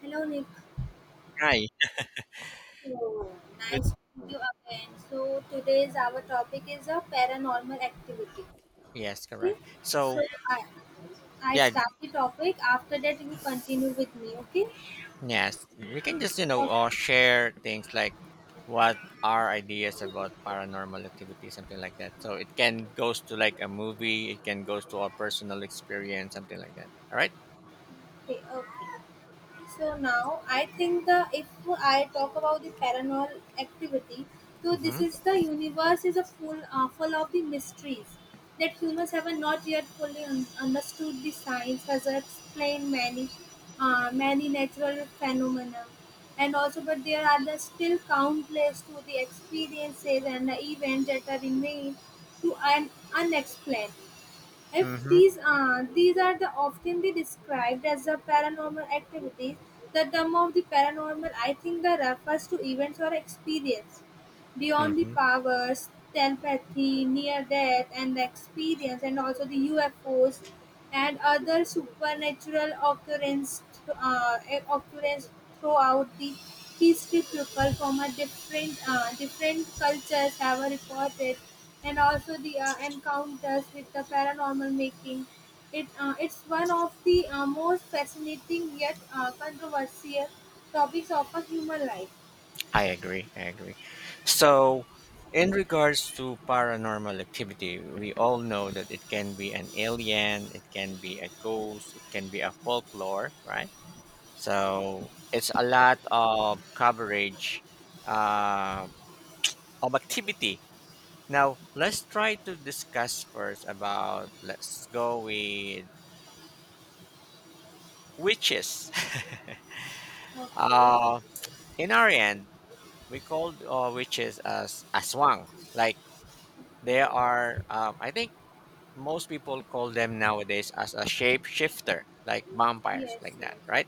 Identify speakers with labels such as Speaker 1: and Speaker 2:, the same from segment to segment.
Speaker 1: Hello, Nick.
Speaker 2: Hi.
Speaker 1: So
Speaker 2: Good.
Speaker 1: nice to meet you again. So today's our topic is a paranormal activity.
Speaker 2: Yes,
Speaker 1: Okay.
Speaker 2: correct. So,
Speaker 1: So I I
Speaker 2: yeah,
Speaker 1: start the topic. After that, you continue with me. Okay.
Speaker 2: yes, we can just,
Speaker 1: Okay.
Speaker 2: share things like what our ideas about paranormal activity, something like that. So it can goes to like a movie, it can goes to our personal experience, something like that. All right.
Speaker 1: Okay. So now I think the if I talk about the paranormal activity, so this
Speaker 2: Mm-hmm.
Speaker 1: is the universe is a full full of the mysteries that humans have not yet fully understood. The science has explained many many natural phenomena, and also but there are the still countless to the experiences and the events that are remain to unexplained. If
Speaker 2: Mm-hmm.
Speaker 1: these are the often the described as the paranormal activities, the term of the paranormal I think the refers to events or experience. Beyond the
Speaker 2: Mm-hmm.
Speaker 1: powers, telepathy, near-death and the experience and also the U F O's and other supernatural occurrence, occurrence throughout the history people from a different different cultures have reported and also the encounters with the paranormal making it it's one of the most fascinating yet controversial topics of a human life.
Speaker 2: I agree. I agree. So, in regards to paranormal activity, we all know that it can be an alien, it can be a ghost, it can be a folklore, right? So it's a lot of coverage uh, of activity. Now let's try to discuss first about let's go with witches.
Speaker 1: Okay.
Speaker 2: uh, in our end, we called witches as aswang. Like they are, I think most people call them nowadays as a shapeshifter, like vampires,
Speaker 1: Yes,
Speaker 2: like that,
Speaker 1: yes.
Speaker 2: right?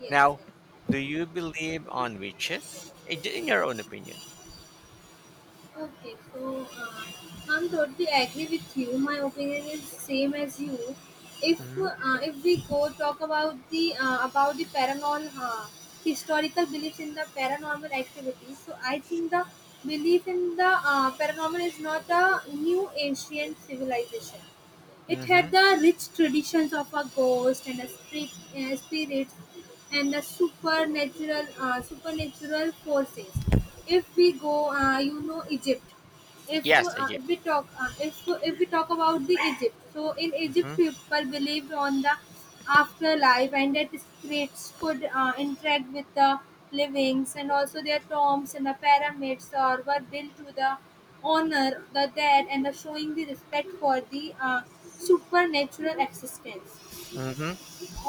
Speaker 1: Yes,
Speaker 2: Now,
Speaker 1: yes.
Speaker 2: do you believe on witches? In your own opinion.
Speaker 1: Okay, so I'm totally agree with you. My opinion is same as you. If we go talk about the paranormal historical beliefs in the paranormal activities, so I think the belief in the paranormal is not a new ancient civilization. It
Speaker 2: Mm-hmm.
Speaker 1: had the rich traditions of a ghost and a spirit, spirits and the supernatural supernatural forces. If we go, you know Egypt if
Speaker 2: Yes,
Speaker 1: uh,
Speaker 2: Egypt.
Speaker 1: we talk uh, if if we talk about the egypt so in egypt
Speaker 2: Mm-hmm.
Speaker 1: people believed on the afterlife and that spirits could interact with the livings and also their tombs and the pyramids or were built to the honor the dead and the showing the respect for the supernatural existence.
Speaker 2: Mm-hmm.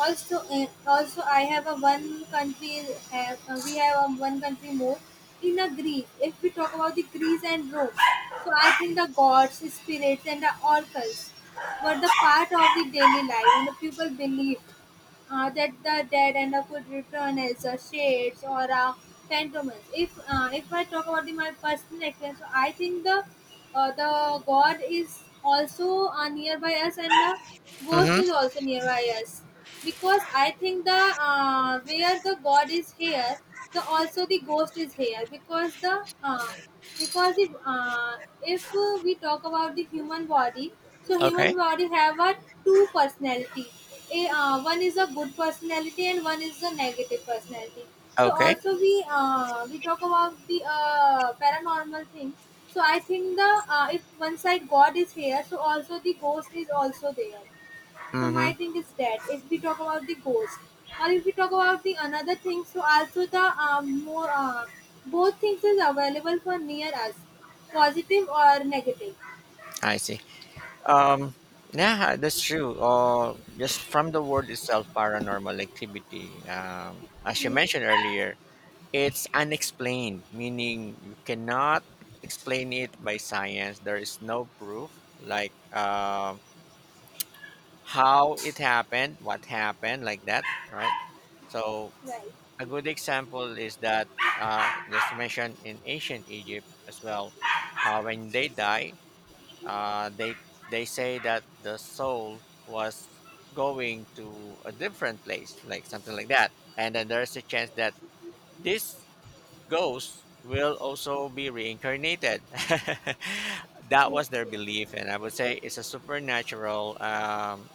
Speaker 1: Also also I have a one country have we have a one country more in a greece if we talk about the greece and rome so I think the gods spirits and the oracles were the part of the daily life and the people believed that the dead end up would return as shades or phantoms. If I talk about the, my personal experience, so I think the god is also nearby us and the ghost
Speaker 2: Mm-hmm.
Speaker 1: is also nearby us because I think the where the god is here the also the ghost is here because the if we talk about the human body, so
Speaker 2: Okay.
Speaker 1: human body have a two personality. A One is a good personality and one is a negative personality. So
Speaker 2: Okay.
Speaker 1: also we talk about the paranormal thing. So I think the if one side God is here, so also the ghost is also there. So
Speaker 2: Mm-hmm.
Speaker 1: my thing is that if we talk about the ghost, or if we talk about the another thing, so also the more both things is available for near us, positive or negative.
Speaker 2: I see. Um. Yeah, that's true. Just from the word itself, paranormal activity. As you
Speaker 1: Yes,
Speaker 2: mentioned earlier, it's unexplained, meaning you cannot explain it by science. There is no proof, like how it happened, what happened, like that, right? So
Speaker 1: right.
Speaker 2: a good example is that, just to mention in ancient Egypt as well, when they die, uh, they they say that the soul was going to a different place, like something like that, and then there's a chance that this ghost will also be reincarnated. That
Speaker 1: Yes,
Speaker 2: was their
Speaker 1: yes.
Speaker 2: belief, and I would say it's a supernatural.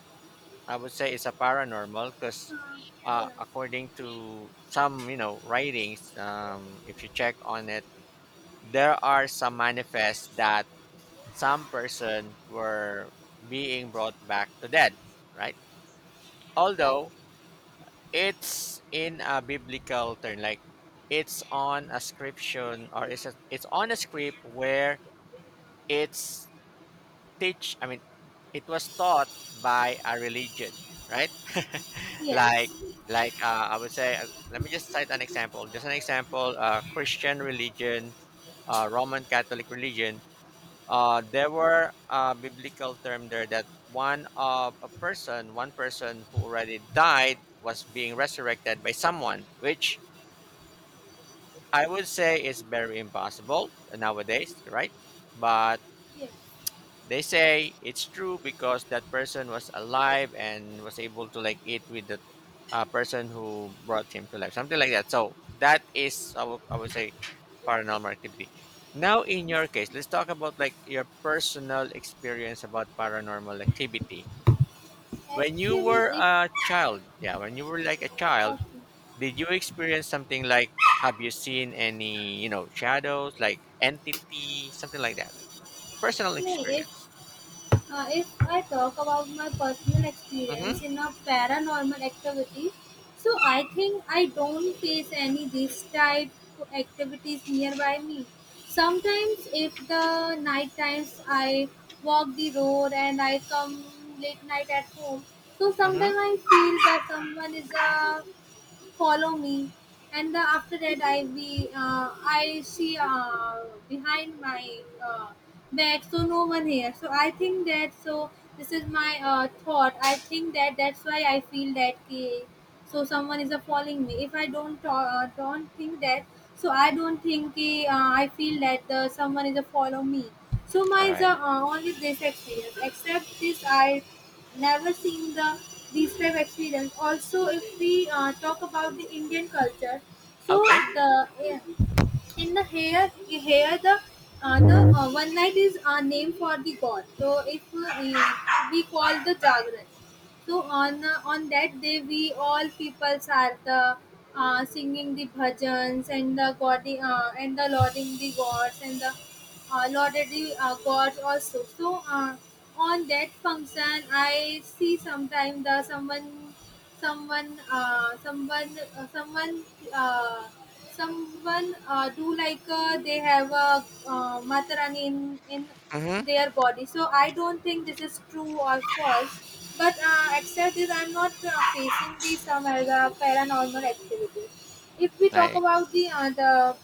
Speaker 2: I would say it's a paranormal because,
Speaker 1: Uh, yes,
Speaker 2: according to some, writings, if you check on it, there are some manifests that some person were being brought back to dead, right?
Speaker 1: right.
Speaker 2: Although it's in a biblical term, like it's on a scription or it's on a script where it's teach I mean it was taught by a religion, right? Like
Speaker 1: Yes,
Speaker 2: I would say, let me just cite an example, just an example. Christian religion, Roman Catholic religion, there were a biblical term there that one person who already died was being resurrected by someone, which I would say is very impossible nowadays, right? But
Speaker 1: yes.
Speaker 2: they say it's true because that person was alive and was able to like eat with the person who brought him to life, something like that. So that is, I would say, paranormal activity. Now, in your case, let's talk about like your personal experience about paranormal activity. When you
Speaker 1: Actually,
Speaker 2: were
Speaker 1: if
Speaker 2: a child, yeah, when you were like a
Speaker 1: okay.
Speaker 2: child, did you experience something like have you seen any, shadows, like entity, something like that? Personal
Speaker 1: No,
Speaker 2: experience.
Speaker 1: If I talk about my personal
Speaker 2: Mm-hmm.
Speaker 1: experience in a paranormal activity, so I think I don't face any this type of activities nearby me. Sometimes, if the night times I walk the road and I come late night at home, so
Speaker 2: Mm-hmm.
Speaker 1: sometimes I feel that someone is follow me, and after that I see behind my bed, so no one here. So I think that so this is my thought. I think that that's why I feel that ki so someone is following me. If I don't don't think that, so I don't think ki I feel that someone is follow me. So my
Speaker 2: All
Speaker 1: is
Speaker 2: right.
Speaker 1: only this experience. Except this, I never seen the these type experience. Also if we talk about the indian culture so
Speaker 2: Okay.
Speaker 1: the yeah, in the here the one night is a name for the god so if eh, we call the jagran so on that day we all peoples are the singing the bhajans and the god and the lauding the gods and the lauded the gods also so on that function I see sometime the someone someone someone someone uh, someone do like they have a matarani in
Speaker 2: Mm-hmm.
Speaker 1: their body so I don't think this is true or false but except this I'm not facing the some as a paranormal activity if we talk
Speaker 2: I
Speaker 1: about the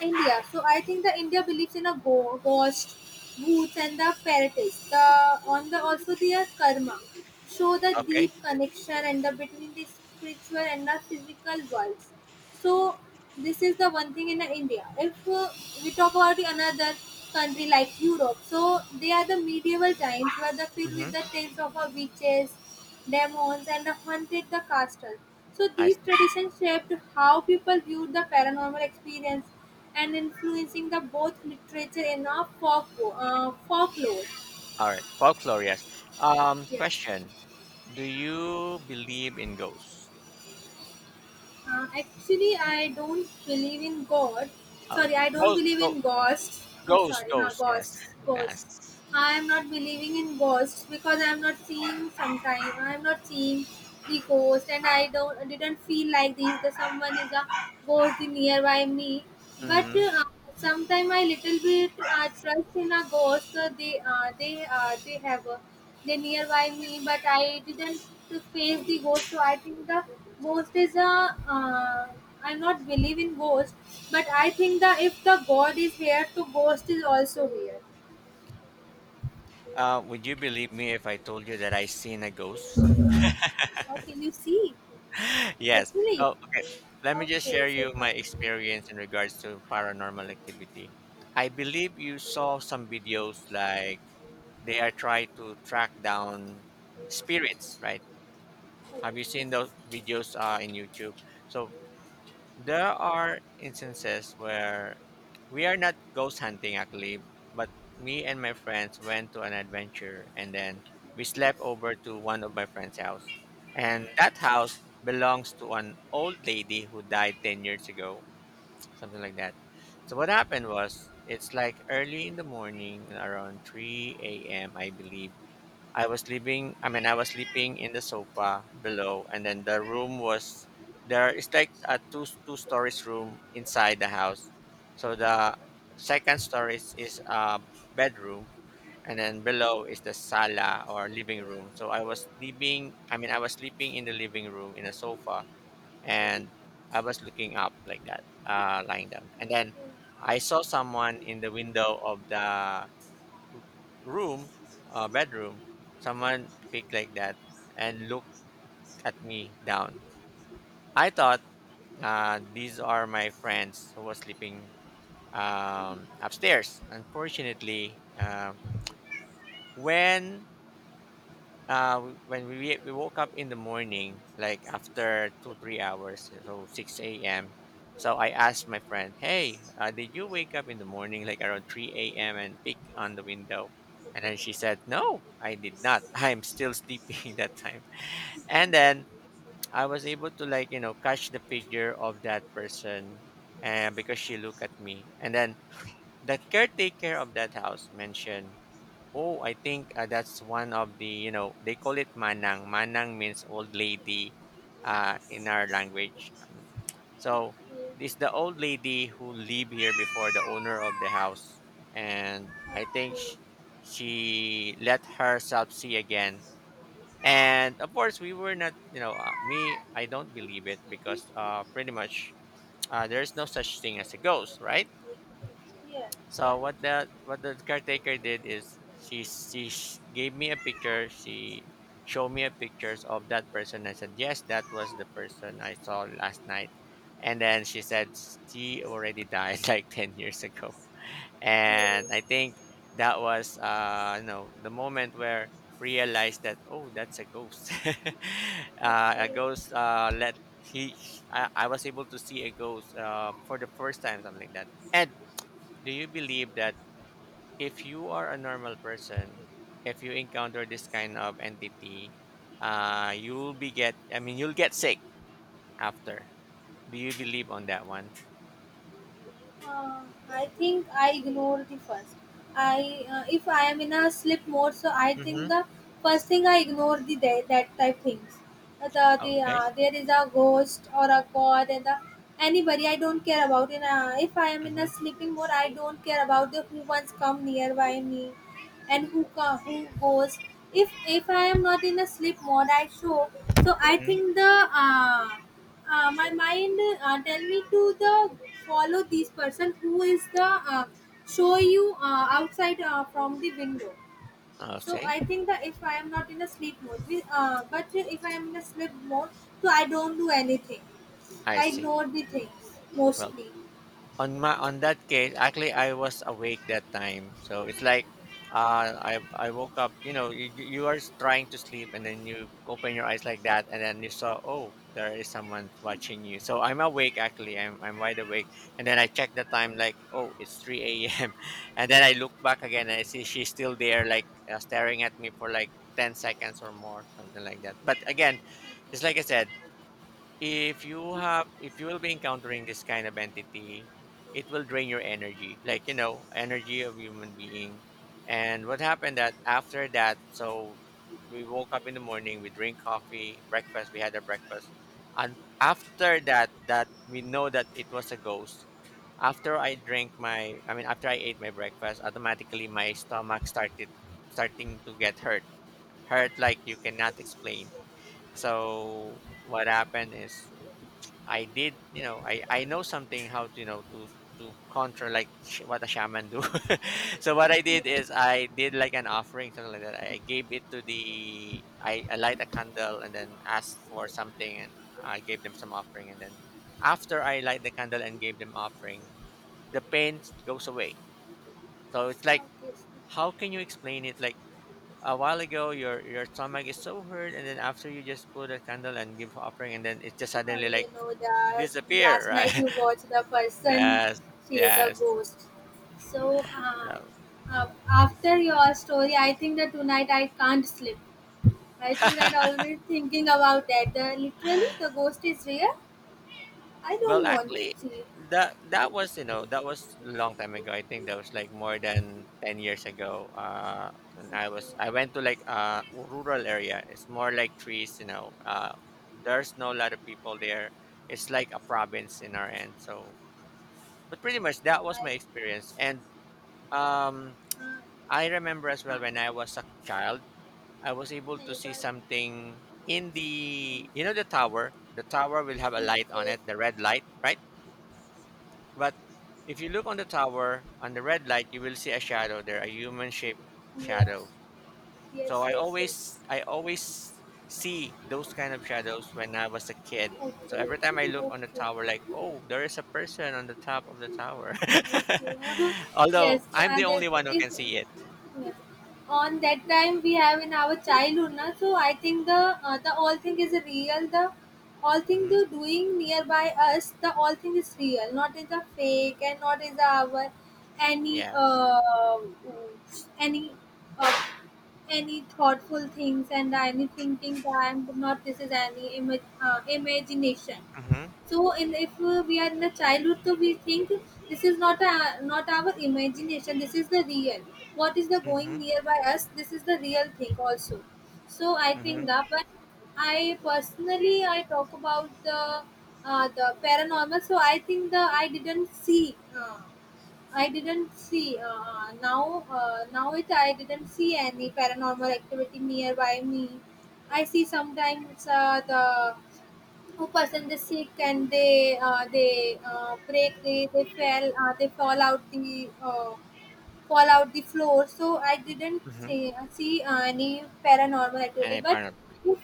Speaker 1: India. So I think the India believes in a ghost, boots, and the fairies. The on the also their karma show the
Speaker 2: okay.
Speaker 1: deep connection and the between the spiritual and the physical worlds. So this is the one thing in India. If we talk about the another country like Europe, so they are the medieval times were the filled
Speaker 2: Mm-hmm.
Speaker 1: with the tales of witches, demons, and the haunted the castles. So
Speaker 2: I
Speaker 1: these
Speaker 2: see.
Speaker 1: traditions shaped how people viewed the paranormal experience and influencing the both literature and folklore.
Speaker 2: All right. Folklore, yes.
Speaker 1: Yeah.
Speaker 2: Question: do you believe in ghosts?
Speaker 1: Actually, I don't believe in God.
Speaker 2: Oh,
Speaker 1: Sorry, I don't
Speaker 2: ghosts,
Speaker 1: believe
Speaker 2: ghost,
Speaker 1: in ghosts. Oh,
Speaker 2: ghosts,
Speaker 1: sorry, huh,
Speaker 2: ghosts. Yes.
Speaker 1: ghosts, ghosts.
Speaker 2: Yes.
Speaker 1: I am not believing in ghosts because I am not seeing sometime. I am not seeing the ghost, and I don't I didn't feel like this. The someone is a both the nearby me. But
Speaker 2: Mm-hmm.
Speaker 1: sometime I little bit trust in a ghost. They have they nearby me, but I didn't to face the ghost. So I think the ghost is a. I'm not believe in ghost, but I think that if the god is here, the ghost is also here.
Speaker 2: Would you believe me if I told you that I seen a ghost?
Speaker 1: Okay, you see,
Speaker 2: Yes.
Speaker 1: literally.
Speaker 2: Oh, okay. Let me just
Speaker 1: Okay,
Speaker 2: share
Speaker 1: so
Speaker 2: you my
Speaker 1: talk.
Speaker 2: experience in regards to paranormal activity. I believe you saw some videos like they are trying to track down spirits, right?
Speaker 1: Okay,
Speaker 2: Have you seen those videos in YouTube? So there are instances where we are not ghost hunting actually, but me and my friends went to an adventure and then we slept over to one of my friend's house. And that house belongs to an old lady who died 10 years ago, something like that. So what happened was it's like early in the morning around 3 a.m. I believe I mean I was sleeping in the sofa below, and then the room was there. It's like a two stories room inside the house. So the second stories is a bedroom, and then below is the sala or living room. So I mean I was sleeping in the living room in a sofa, and I was looking up like that, lying down. And then I saw someone in the window of the room, bedroom. Someone picked like that and looked at me down. I thought these are my friends who was sleeping, upstairs. Unfortunately, when when we woke up in the morning, like after 2 or 3 hours, so 6 a.m. So I asked my friend, "Hey, did you wake up in the morning, like around 3 a.m. and peek on the window?" And then she said, "No, I did not. I'm still sleeping." That time, and then I was able to, like, catch the figure of that person, and because she looked at me. And then the caretaker of that house mentioned, "Oh, I think that's one of the, they call it manang. Manang means old lady in our language." So it's the old lady who lived here before the owner of the house. And I think
Speaker 1: okay, okay.
Speaker 2: she let herself see again. And of course, we were not, me, I don't believe it because pretty much there's no such thing as a ghost, right?
Speaker 1: Yeah,
Speaker 2: So
Speaker 1: right.
Speaker 2: what the caretaker did is she gave me a picture. She showed me a pictures of that person. I said yes, that was the person I saw last night. And then she said she already died like 10 years ago.
Speaker 1: Okay.
Speaker 2: And I think that was the moment where realized that oh that's a ghost. A
Speaker 1: Okay.
Speaker 2: ghost let he I was able to see a ghost for the first time, something like that. And do you believe that if you are a normal person, if you encounter this kind of entity, you'll be get. I mean, you'll get sick after. Do you believe on that one?
Speaker 1: Uh, I think I ignore the first. I if I am in a sleep mode, so I
Speaker 2: Mm-hmm.
Speaker 1: think the first thing I ignore the that, that type things.
Speaker 2: Okay.
Speaker 1: There is a ghost or a god and the anybody I don't care about. In a, if I am in
Speaker 2: Mm-hmm.
Speaker 1: a sleeping mode, I don't care about the who once come nearby me and who goes. If if I am not in a sleep mode I show so I
Speaker 2: Mm-hmm.
Speaker 1: think the uh, my mind tell me to the follow this person who is the uh, show you outside from the window so
Speaker 2: Okay.
Speaker 1: I think that if I am not in a sleep mode but if I am in a sleep mode so I don't do anything
Speaker 2: I
Speaker 1: I
Speaker 2: see.
Speaker 1: ignore the things
Speaker 2: Well,
Speaker 1: mostly.
Speaker 2: on that case actually I was awake that time, so it's like I woke up, you are trying to sleep, and then you open your eyes like that, and then you saw, oh, there is someone watching you. So I'm awake actually. I'm wide awake. And then I check the time, like oh it's 3 a.m. And then I look back again, and I see she's still there, like staring at me for like 10 seconds or more, something like that. But again, just like I said, if you will be encountering this kind of entity, it will drain your energy, like energy of human being. And what happened that after that? So we woke up in the morning, we drink coffee breakfast, we had a breakfast. And after that, that we know that it was a ghost. After I drank my I mean after I ate my breakfast, automatically my stomach started starting to get hurt like you cannot explain. So what happened is I did, I know something how to, to counter like what a shaman do. So what I did is
Speaker 1: Yes.
Speaker 2: I did like an offering, something like that. I gave it to the I light a candle and then asked for something, and I gave them some offering, and then after I light the candle and gave them offering, the pain goes away. So it's like,
Speaker 1: Okay.
Speaker 2: how can you explain it? Like a while ago, your stomach is so hurt, and then after you just put a candle and give offering, and then it just
Speaker 1: Or
Speaker 2: suddenly
Speaker 1: you
Speaker 2: like
Speaker 1: know that
Speaker 2: disappear,
Speaker 1: last night
Speaker 2: right?
Speaker 1: we watched the person,
Speaker 2: Yes,
Speaker 1: she is a
Speaker 2: yes.
Speaker 1: ghost. So
Speaker 2: that
Speaker 1: after your story, I think that tonight I can't sleep. I tonight already thinking about that. The, literally, the ghost is real. I
Speaker 2: Well,
Speaker 1: don't want
Speaker 2: actually,
Speaker 1: to see it.
Speaker 2: that was a long time ago. I think that was like more than 10 years ago. When I went to like a rural area. It's more like trees. There's no lot of people there. It's like a province in our end. So, but pretty much
Speaker 1: So
Speaker 2: that was my
Speaker 1: I,
Speaker 2: experience. And um,
Speaker 1: uh,
Speaker 2: I remember as
Speaker 1: uh,
Speaker 2: well when I was a child. I was able to see
Speaker 1: neighbor,
Speaker 2: something in the, the tower. The tower will have a
Speaker 1: yes,
Speaker 2: light on
Speaker 1: yes,
Speaker 2: it, the red light, right? But if you look on the tower on the red light, you will see a shadow there, a human shaped shadow.
Speaker 1: yes,
Speaker 2: So
Speaker 1: yes,
Speaker 2: I
Speaker 1: yes, yes.
Speaker 2: always I always see those kind of shadows when I was a kid.
Speaker 1: Okay,
Speaker 2: So every time I
Speaker 1: okay,
Speaker 2: look on the tower,
Speaker 1: okay.
Speaker 2: like, oh, there is a person on the top of the tower.
Speaker 1: Uh-huh.
Speaker 2: Although
Speaker 1: Yes,
Speaker 2: I'm the only one
Speaker 1: there's-
Speaker 2: who
Speaker 1: if
Speaker 2: can see it.
Speaker 1: yeah, on that time we have in our childhood na so I think the all thing is real the all thing
Speaker 2: Hmm.
Speaker 1: the doing nearby us the all thing is real not is a fake and not is our any
Speaker 2: Yes.
Speaker 1: uh, any uh, any thoughtful things and any thinking that I'm not this is any imagination.
Speaker 2: Mm-hmm.
Speaker 1: So in if we are in the childhood, so we think this is not a, not our imagination. This is the real. What is the
Speaker 2: Mm-hmm.
Speaker 1: going nearby us? This is the real thing also. So I
Speaker 2: Mm-hmm.
Speaker 1: think that, but I personally I talk about the paranormal. So I think the I didn't see. I didn't see now it I didn't see any paranormal activity nearby me. I see sometimes the who person is sick and they fell they fall out the floor. So I didn't
Speaker 2: Mm-hmm.
Speaker 1: see any paranormal
Speaker 2: And
Speaker 1: activity. But
Speaker 2: I
Speaker 1: if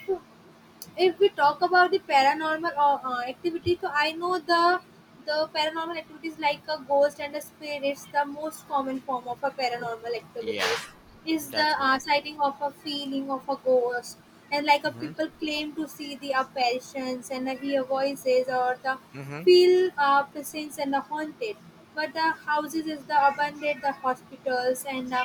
Speaker 1: if we talk about the paranormal activity, so I know the paranormal activities like a ghost and a spirit is the most common form of a paranormal activity,
Speaker 2: Yes,
Speaker 1: is the
Speaker 2: that's correct.
Speaker 1: sighting of a feeling of a ghost, and like a
Speaker 2: Mhm,
Speaker 1: people claim to see the apparitions and hear voices or the
Speaker 2: mhm,
Speaker 1: feel presence and the haunted. But the houses is the abandoned, the hospitals and uh,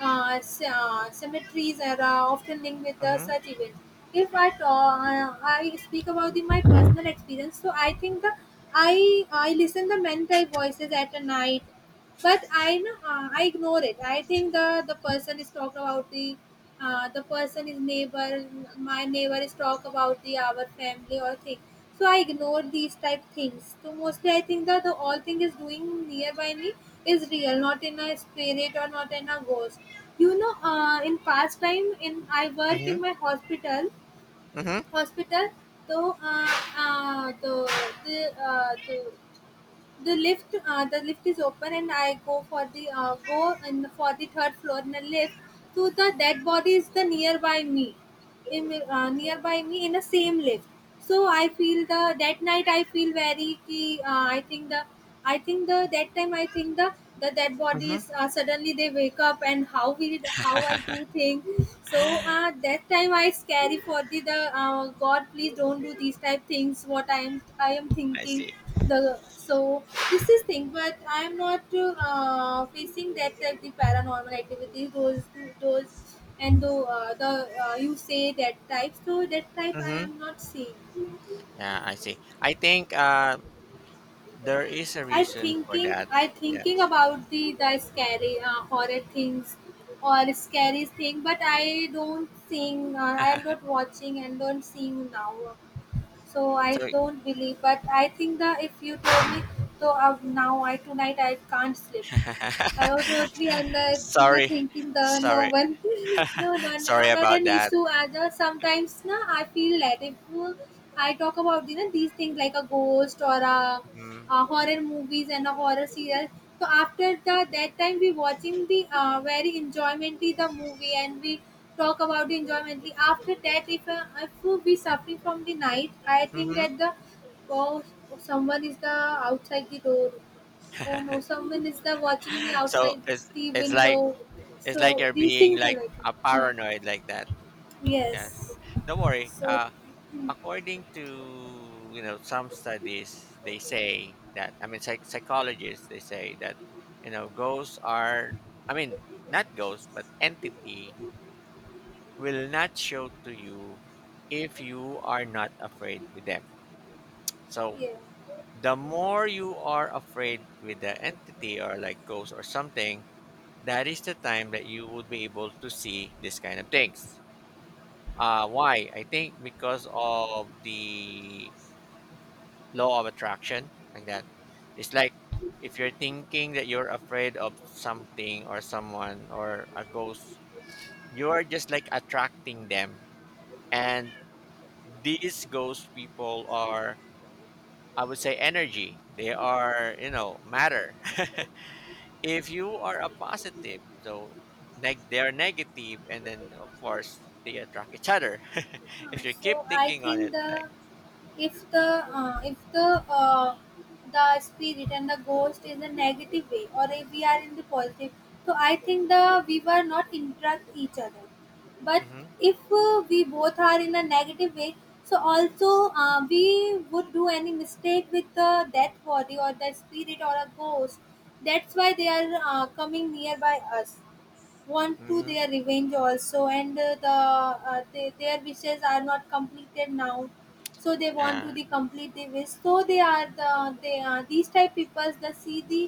Speaker 1: uh, c- uh, cemeteries are often linked with the
Speaker 2: mhm,
Speaker 1: such events. If I speak about the, my personal experience, so I think the I listen the mental voices at a night, but I know, I ignore it. I think the person is talk about the person is neighbor. My neighbor is talk about the our family or thing. So I ignore these type things. So mostly I think that the all thing is doing nearby me is real, not in a spirit or not in a ghost. You know, in past time in I work
Speaker 2: mhm,
Speaker 1: in my hospital
Speaker 2: mhm,
Speaker 1: hospital. So the the uh, the the lift is open, and I go for the go in for the third floor in the lift. So the dead body is the nearby me, in nearby me in the same lift. So I feel the that night I feel very I think the that time I think the dead
Speaker 2: mhm.
Speaker 1: bodies suddenly they wake up and how we how I do thing. So that time I scary for the god, please don't do these type things what i am
Speaker 2: I
Speaker 1: thinking.
Speaker 2: see.
Speaker 1: The So this is thing, but I am not facing that type the paranormal activities, those and though the you say that type, so that type I
Speaker 2: Mhm.
Speaker 1: am not seeing.
Speaker 2: Yeah, I see. I think there is a
Speaker 1: i
Speaker 2: reason for
Speaker 1: thinking
Speaker 2: that.
Speaker 1: I thinking
Speaker 2: Yes.
Speaker 1: about the scary horror things or scary thing, but I don't seeing, I am not watching and don't seeing now. So I
Speaker 2: So
Speaker 1: don't believe, but I think the if you told me. So now I tonight I can't sleep. I would totally, and the in the
Speaker 2: sorry,
Speaker 1: thinking the no
Speaker 2: sorry,
Speaker 1: one no no no,
Speaker 2: sorry
Speaker 1: not
Speaker 2: about
Speaker 1: an
Speaker 2: that.
Speaker 1: issue as a sometimes na, I feel that if I talk about you know these things like a ghost or
Speaker 2: Hmm,
Speaker 1: a horror movies and a horror serial. So after the that time we watching the very enjoymently the movie, and we talk about the enjoymently after that, if we suffering from the night, I think
Speaker 2: hmm.
Speaker 1: that the oh, someone is the outside the door. Oh no, someone is there watching me
Speaker 2: So
Speaker 1: outside
Speaker 2: it's
Speaker 1: the
Speaker 2: it's like
Speaker 1: window.
Speaker 2: it's like
Speaker 1: So
Speaker 2: you're
Speaker 1: these
Speaker 2: being
Speaker 1: things are
Speaker 2: like
Speaker 1: like,
Speaker 2: a
Speaker 1: huh.
Speaker 2: paranoid like that. Yes.
Speaker 1: Yes.
Speaker 2: Don't worry.
Speaker 1: So,
Speaker 2: According to you know some studies, they say that, I mean, psychologists, they say that you know ghosts are, I mean, not ghosts but entity, will not show to you if you are not afraid with them, so
Speaker 1: yeah.
Speaker 2: the more you are afraid with the entity or like ghosts or something, that is the time that you would be able to see this kind of things. Why I think, because of the law of attraction, like that. It's like if you're thinking that you're afraid of something or someone or a ghost, you're just like attracting them. And these ghost people are, I would say, energy, they are you know matter. If you are a positive, so they're negative, and then of course they attract each other. If you keep
Speaker 1: So I
Speaker 2: thinking on
Speaker 1: think
Speaker 2: it,
Speaker 1: the
Speaker 2: like
Speaker 1: if the the spirit and the ghost is a negative way, or if we are in the positive, so I think the we were not interact each other. But
Speaker 2: mm-hmm,
Speaker 1: if we both are in a negative way, so also we would do any mistake with the death body or the spirit or a ghost. That's why they are coming nearby us, want to
Speaker 2: mm-hmm,
Speaker 1: their revenge also, and they, their wishes are not completed now. So they want to
Speaker 2: uh,
Speaker 1: the complete the wish. So they are the they are these type people that see the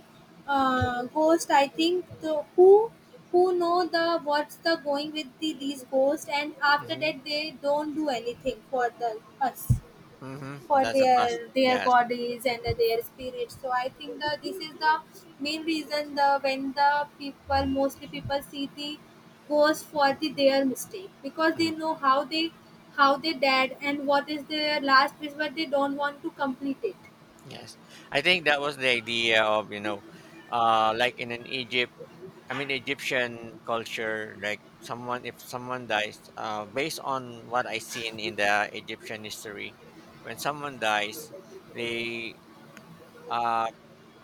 Speaker 1: ghost, I think the, who know the what's the going with the these ghosts, and after
Speaker 2: mm-hmm,
Speaker 1: that they don't do anything for the us,
Speaker 2: mm-hmm,
Speaker 1: for
Speaker 2: that's a pos.
Speaker 1: their
Speaker 2: Yeah.
Speaker 1: bodies and their spirits. So I think that this is the main reason the when the people, mostly people see the ghost for the their mistake, because they
Speaker 2: Mm.
Speaker 1: know how they died and what is their last wish, but they don't want to complete it.
Speaker 2: Yes, I think that was the idea of, you know, like in an Egypt, I mean Egyptian culture, like someone, if someone dies, based on what I seen in the Egyptian history, when someone dies, they uh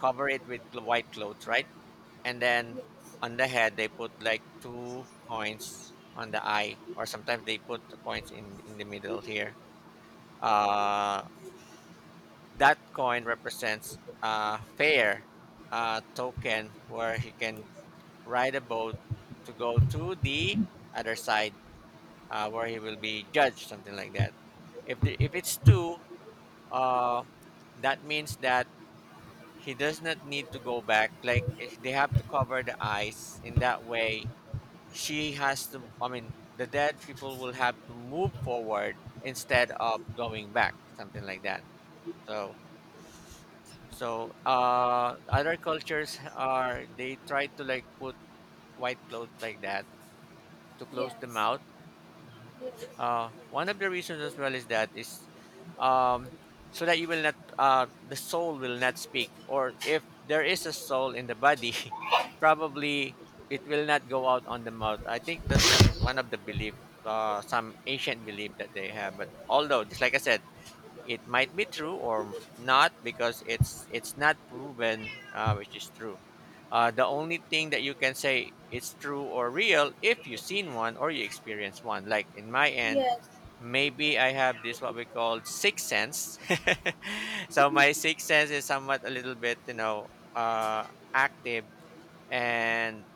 Speaker 2: cover it with white clothes, right? And then on the head they put like two coins on the eye, or sometimes they put the coins in the middle here, uh, that coin represents a fair token where he can ride a boat to go to the other side, where he will be judged, something like that. If it's two, uh, that means that he does not need to go back. Like if they have to cover the eyes in that way. She has to. I mean, the dead people will have to move forward instead of going back, something like that. So So, other cultures, are they try to like put white clothes like that to close the
Speaker 1: Yes,
Speaker 2: mouth. Mhm.
Speaker 1: yes,
Speaker 2: One of the reasons as well is that is um, so that you will not, the soul will not speak, or if there is a soul in the body, probably it will not go out on the mouth. I think that's one of the belief. Some ancient belief that they have, but although just like I said, it might be true or not because it's not proven, which is true. The only thing that you can say it's true or real if you've seen one or you experience one, like in my end,
Speaker 1: yes,
Speaker 2: maybe I have this what we call sixth sense. So my sixth sense is somewhat a little bit, you know, uh, active. And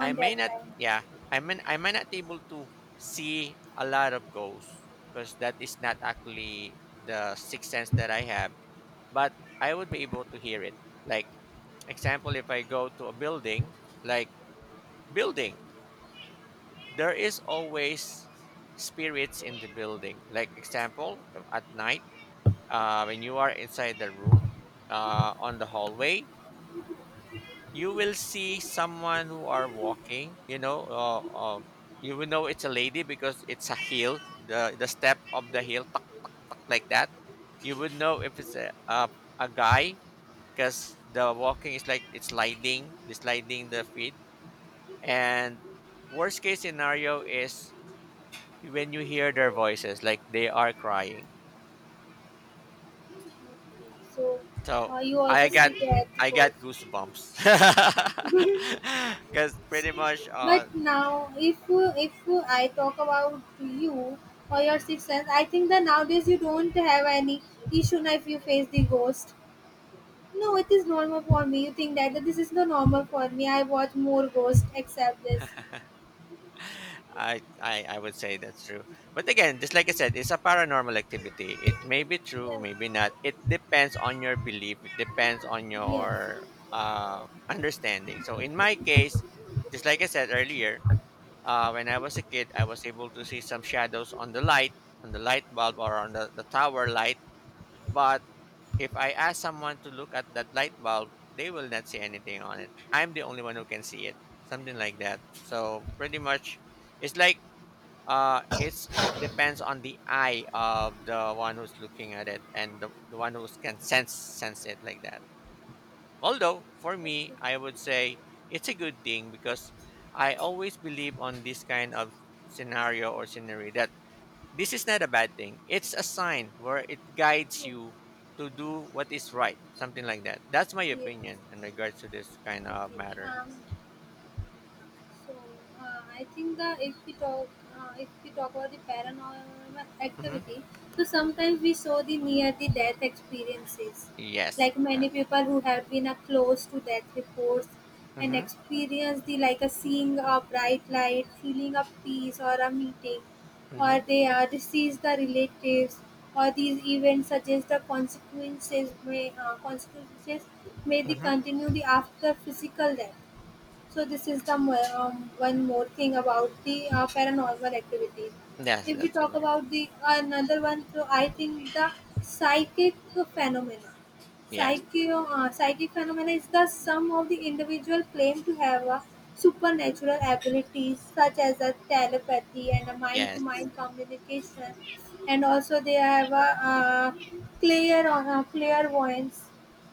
Speaker 2: I may
Speaker 1: that
Speaker 2: not,
Speaker 1: time.
Speaker 2: yeah, I mean I might not able to see a lot of ghosts because that is not actually the sixth sense that I have, but I would be able to hear it. Like, example, if I go to a building, like building, there is always spirits in the building. Like, example, at night, when you are inside the room, on the hallway, you will see someone who are walking, you know, you will know it's a lady because it's a heel, the step of the heel, tuk, tuk, like that. You would know if it's a guy because the walking is like it's sliding, it's sliding the feet. And worst case scenario is when you hear their voices, like they are crying.
Speaker 1: So
Speaker 2: So
Speaker 1: you
Speaker 2: i
Speaker 1: also
Speaker 2: got
Speaker 1: see that
Speaker 2: I got
Speaker 1: ghost.
Speaker 2: goosebumps because pretty much
Speaker 1: But now, if I talk about you or your
Speaker 2: Mhm.
Speaker 1: sixth sense, I think that nowadays you don't have any issue now if you face the ghost. No, it is normal for me. You think that, that this is the normal for me. I watch more ghost except this.
Speaker 2: I would say that's true. But again, just like I said, it's a paranormal activity. It may be true,
Speaker 1: Yes,
Speaker 2: maybe not. It depends on your belief. It depends on
Speaker 1: yes,
Speaker 2: your, understanding. So in my case, just like I said earlier, when I was a kid, I was able to see some shadows on the light bulb, or on the tower light. But if I ask someone to look at that light bulb, they will not see anything on it. I'm the only one who can see it. Something like that. So pretty much, it's like it's it depends on the eye of the one who's looking at it, and the one who can sense it like that. Although for me, I would say it's a good thing because I always believe on this kind of scenario or scenery that this is not a bad thing. It's a sign where it guides
Speaker 1: yes,
Speaker 2: you to do what is right, something like that. That's my
Speaker 1: yes.
Speaker 2: opinion in regards to this kind of
Speaker 1: Okay.
Speaker 2: matter.
Speaker 1: So I think that if we talk about the paranormal
Speaker 2: Hmm.
Speaker 1: activity, so sometimes we saw the near the death experiences,
Speaker 2: Yes.
Speaker 1: like
Speaker 2: Yes.
Speaker 1: many people who have been close to death reports and
Speaker 2: Mm-hmm.
Speaker 1: experience the like a seeing a bright light, feeling a peace or a meeting, or
Speaker 2: Mm-hmm.
Speaker 1: they deceased the relatives. Or these events suggest the consequences may they
Speaker 2: Mm-hmm.
Speaker 1: continue the after physical death. So this is the one more thing about the paranormal activities.
Speaker 2: Yes,
Speaker 1: If we
Speaker 2: that's
Speaker 1: talk
Speaker 2: correct.
Speaker 1: about the another one, so I think the psychic phenomena.
Speaker 2: Yes.
Speaker 1: Psychic, psychic phenomena is the sum of the individual claim to have a supernatural abilities such as a telepathy and a
Speaker 2: Yes.
Speaker 1: mind-to-mind communication, and also they have a uh, clear clairvoyance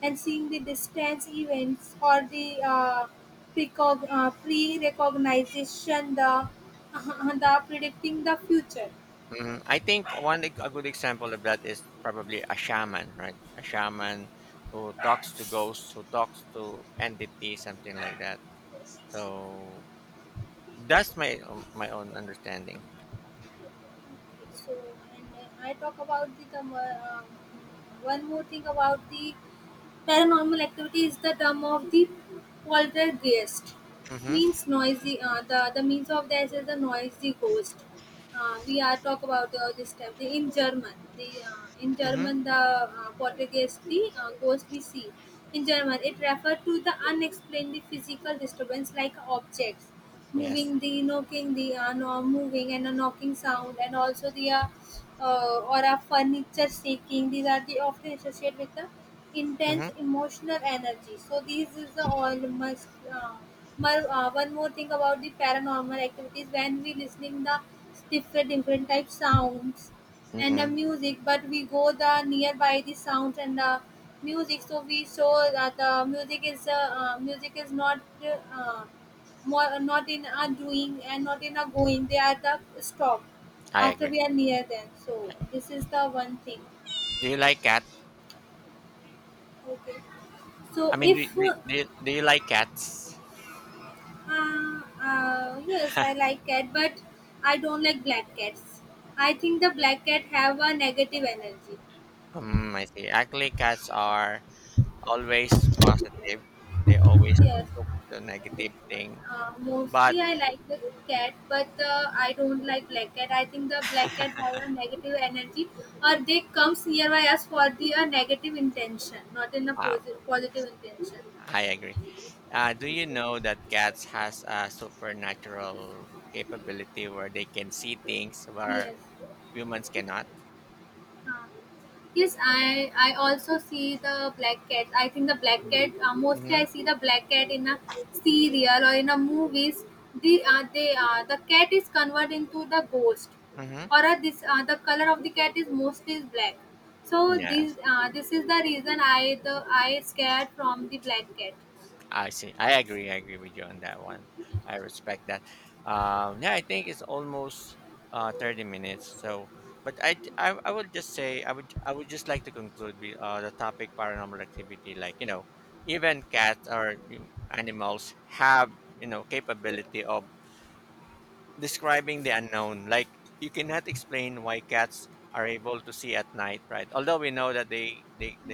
Speaker 1: and seeing the distance events or the pre-recognition the, the predicting the future.
Speaker 2: Hmm. I think one a good example of that is probably a shaman, right? A shaman who talks to ghosts, who talks to entities, something like that. So that's my my own understanding.
Speaker 1: So and I talk about the term, one more thing about the paranormal activity is the term of the poltergeist,
Speaker 2: Mm-hmm.
Speaker 1: means noisy the means of this is the noisy ghost. We are talk about this term the, in german the in
Speaker 2: Mm-hmm.
Speaker 1: german the poltergeist the ghost we see in german. It refers to the unexplained physical disturbance like objects moving,
Speaker 2: Yes.
Speaker 1: the knocking, the no, moving and a knocking sound and also the or a furniture shaking. These are the often associated with the intense
Speaker 2: Mm-hmm.
Speaker 1: emotional energy. So these is the all must one more thing about the paranormal activities, when we listening the different different type sounds and the
Speaker 2: Mhm.
Speaker 1: music, but we go the nearby the sounds and the music, so we show that the music is not uh, more, not in our doing and not in our going. They are the stop
Speaker 2: I
Speaker 1: after
Speaker 2: agree.
Speaker 1: we are near them.
Speaker 2: Yeah.
Speaker 1: So this is the one thing.
Speaker 2: Do you like cats?
Speaker 1: Okay.
Speaker 2: I
Speaker 1: So
Speaker 2: mean,
Speaker 1: if
Speaker 2: do you like cats?
Speaker 1: yes, I like cat, but I don't like black cats. I think the black cat have a negative energy.
Speaker 2: I see. Actually, cats are always positive. They always
Speaker 1: Yes.
Speaker 2: took the negative thing. But
Speaker 1: Mostly I like the cat, but I don't like black cat. I think the black cat has a negative energy, or they comes nearby us for the a negative intention, not in a
Speaker 2: um,
Speaker 1: positive intention.
Speaker 2: I agree. Do you know that cats has a supernatural capability where they can see things where
Speaker 1: Yes.
Speaker 2: humans cannot?
Speaker 1: Uh, yes, I also see the black cat. I think the black
Speaker 2: Mm-hmm.
Speaker 1: cat, mostly I
Speaker 2: Mm-hmm.
Speaker 1: see the black cat in a serial or in a movies. The the cat is converted into the ghost,
Speaker 2: Mm-hmm.
Speaker 1: or this the color of the cat is mostly is black. So this,
Speaker 2: Yes.
Speaker 1: this is the reason I the I scared from the black cat.
Speaker 2: I see. I agree with you on that one. I respect that. Yeah, I think it's almost 30 minutes. So, but I would just say I would just like to conclude with the topic paranormal activity. Like, you know, even cats or you animals have you know capability of describing the unknown. Like, you cannot explain why cats are able to see at night, right? Although we know that they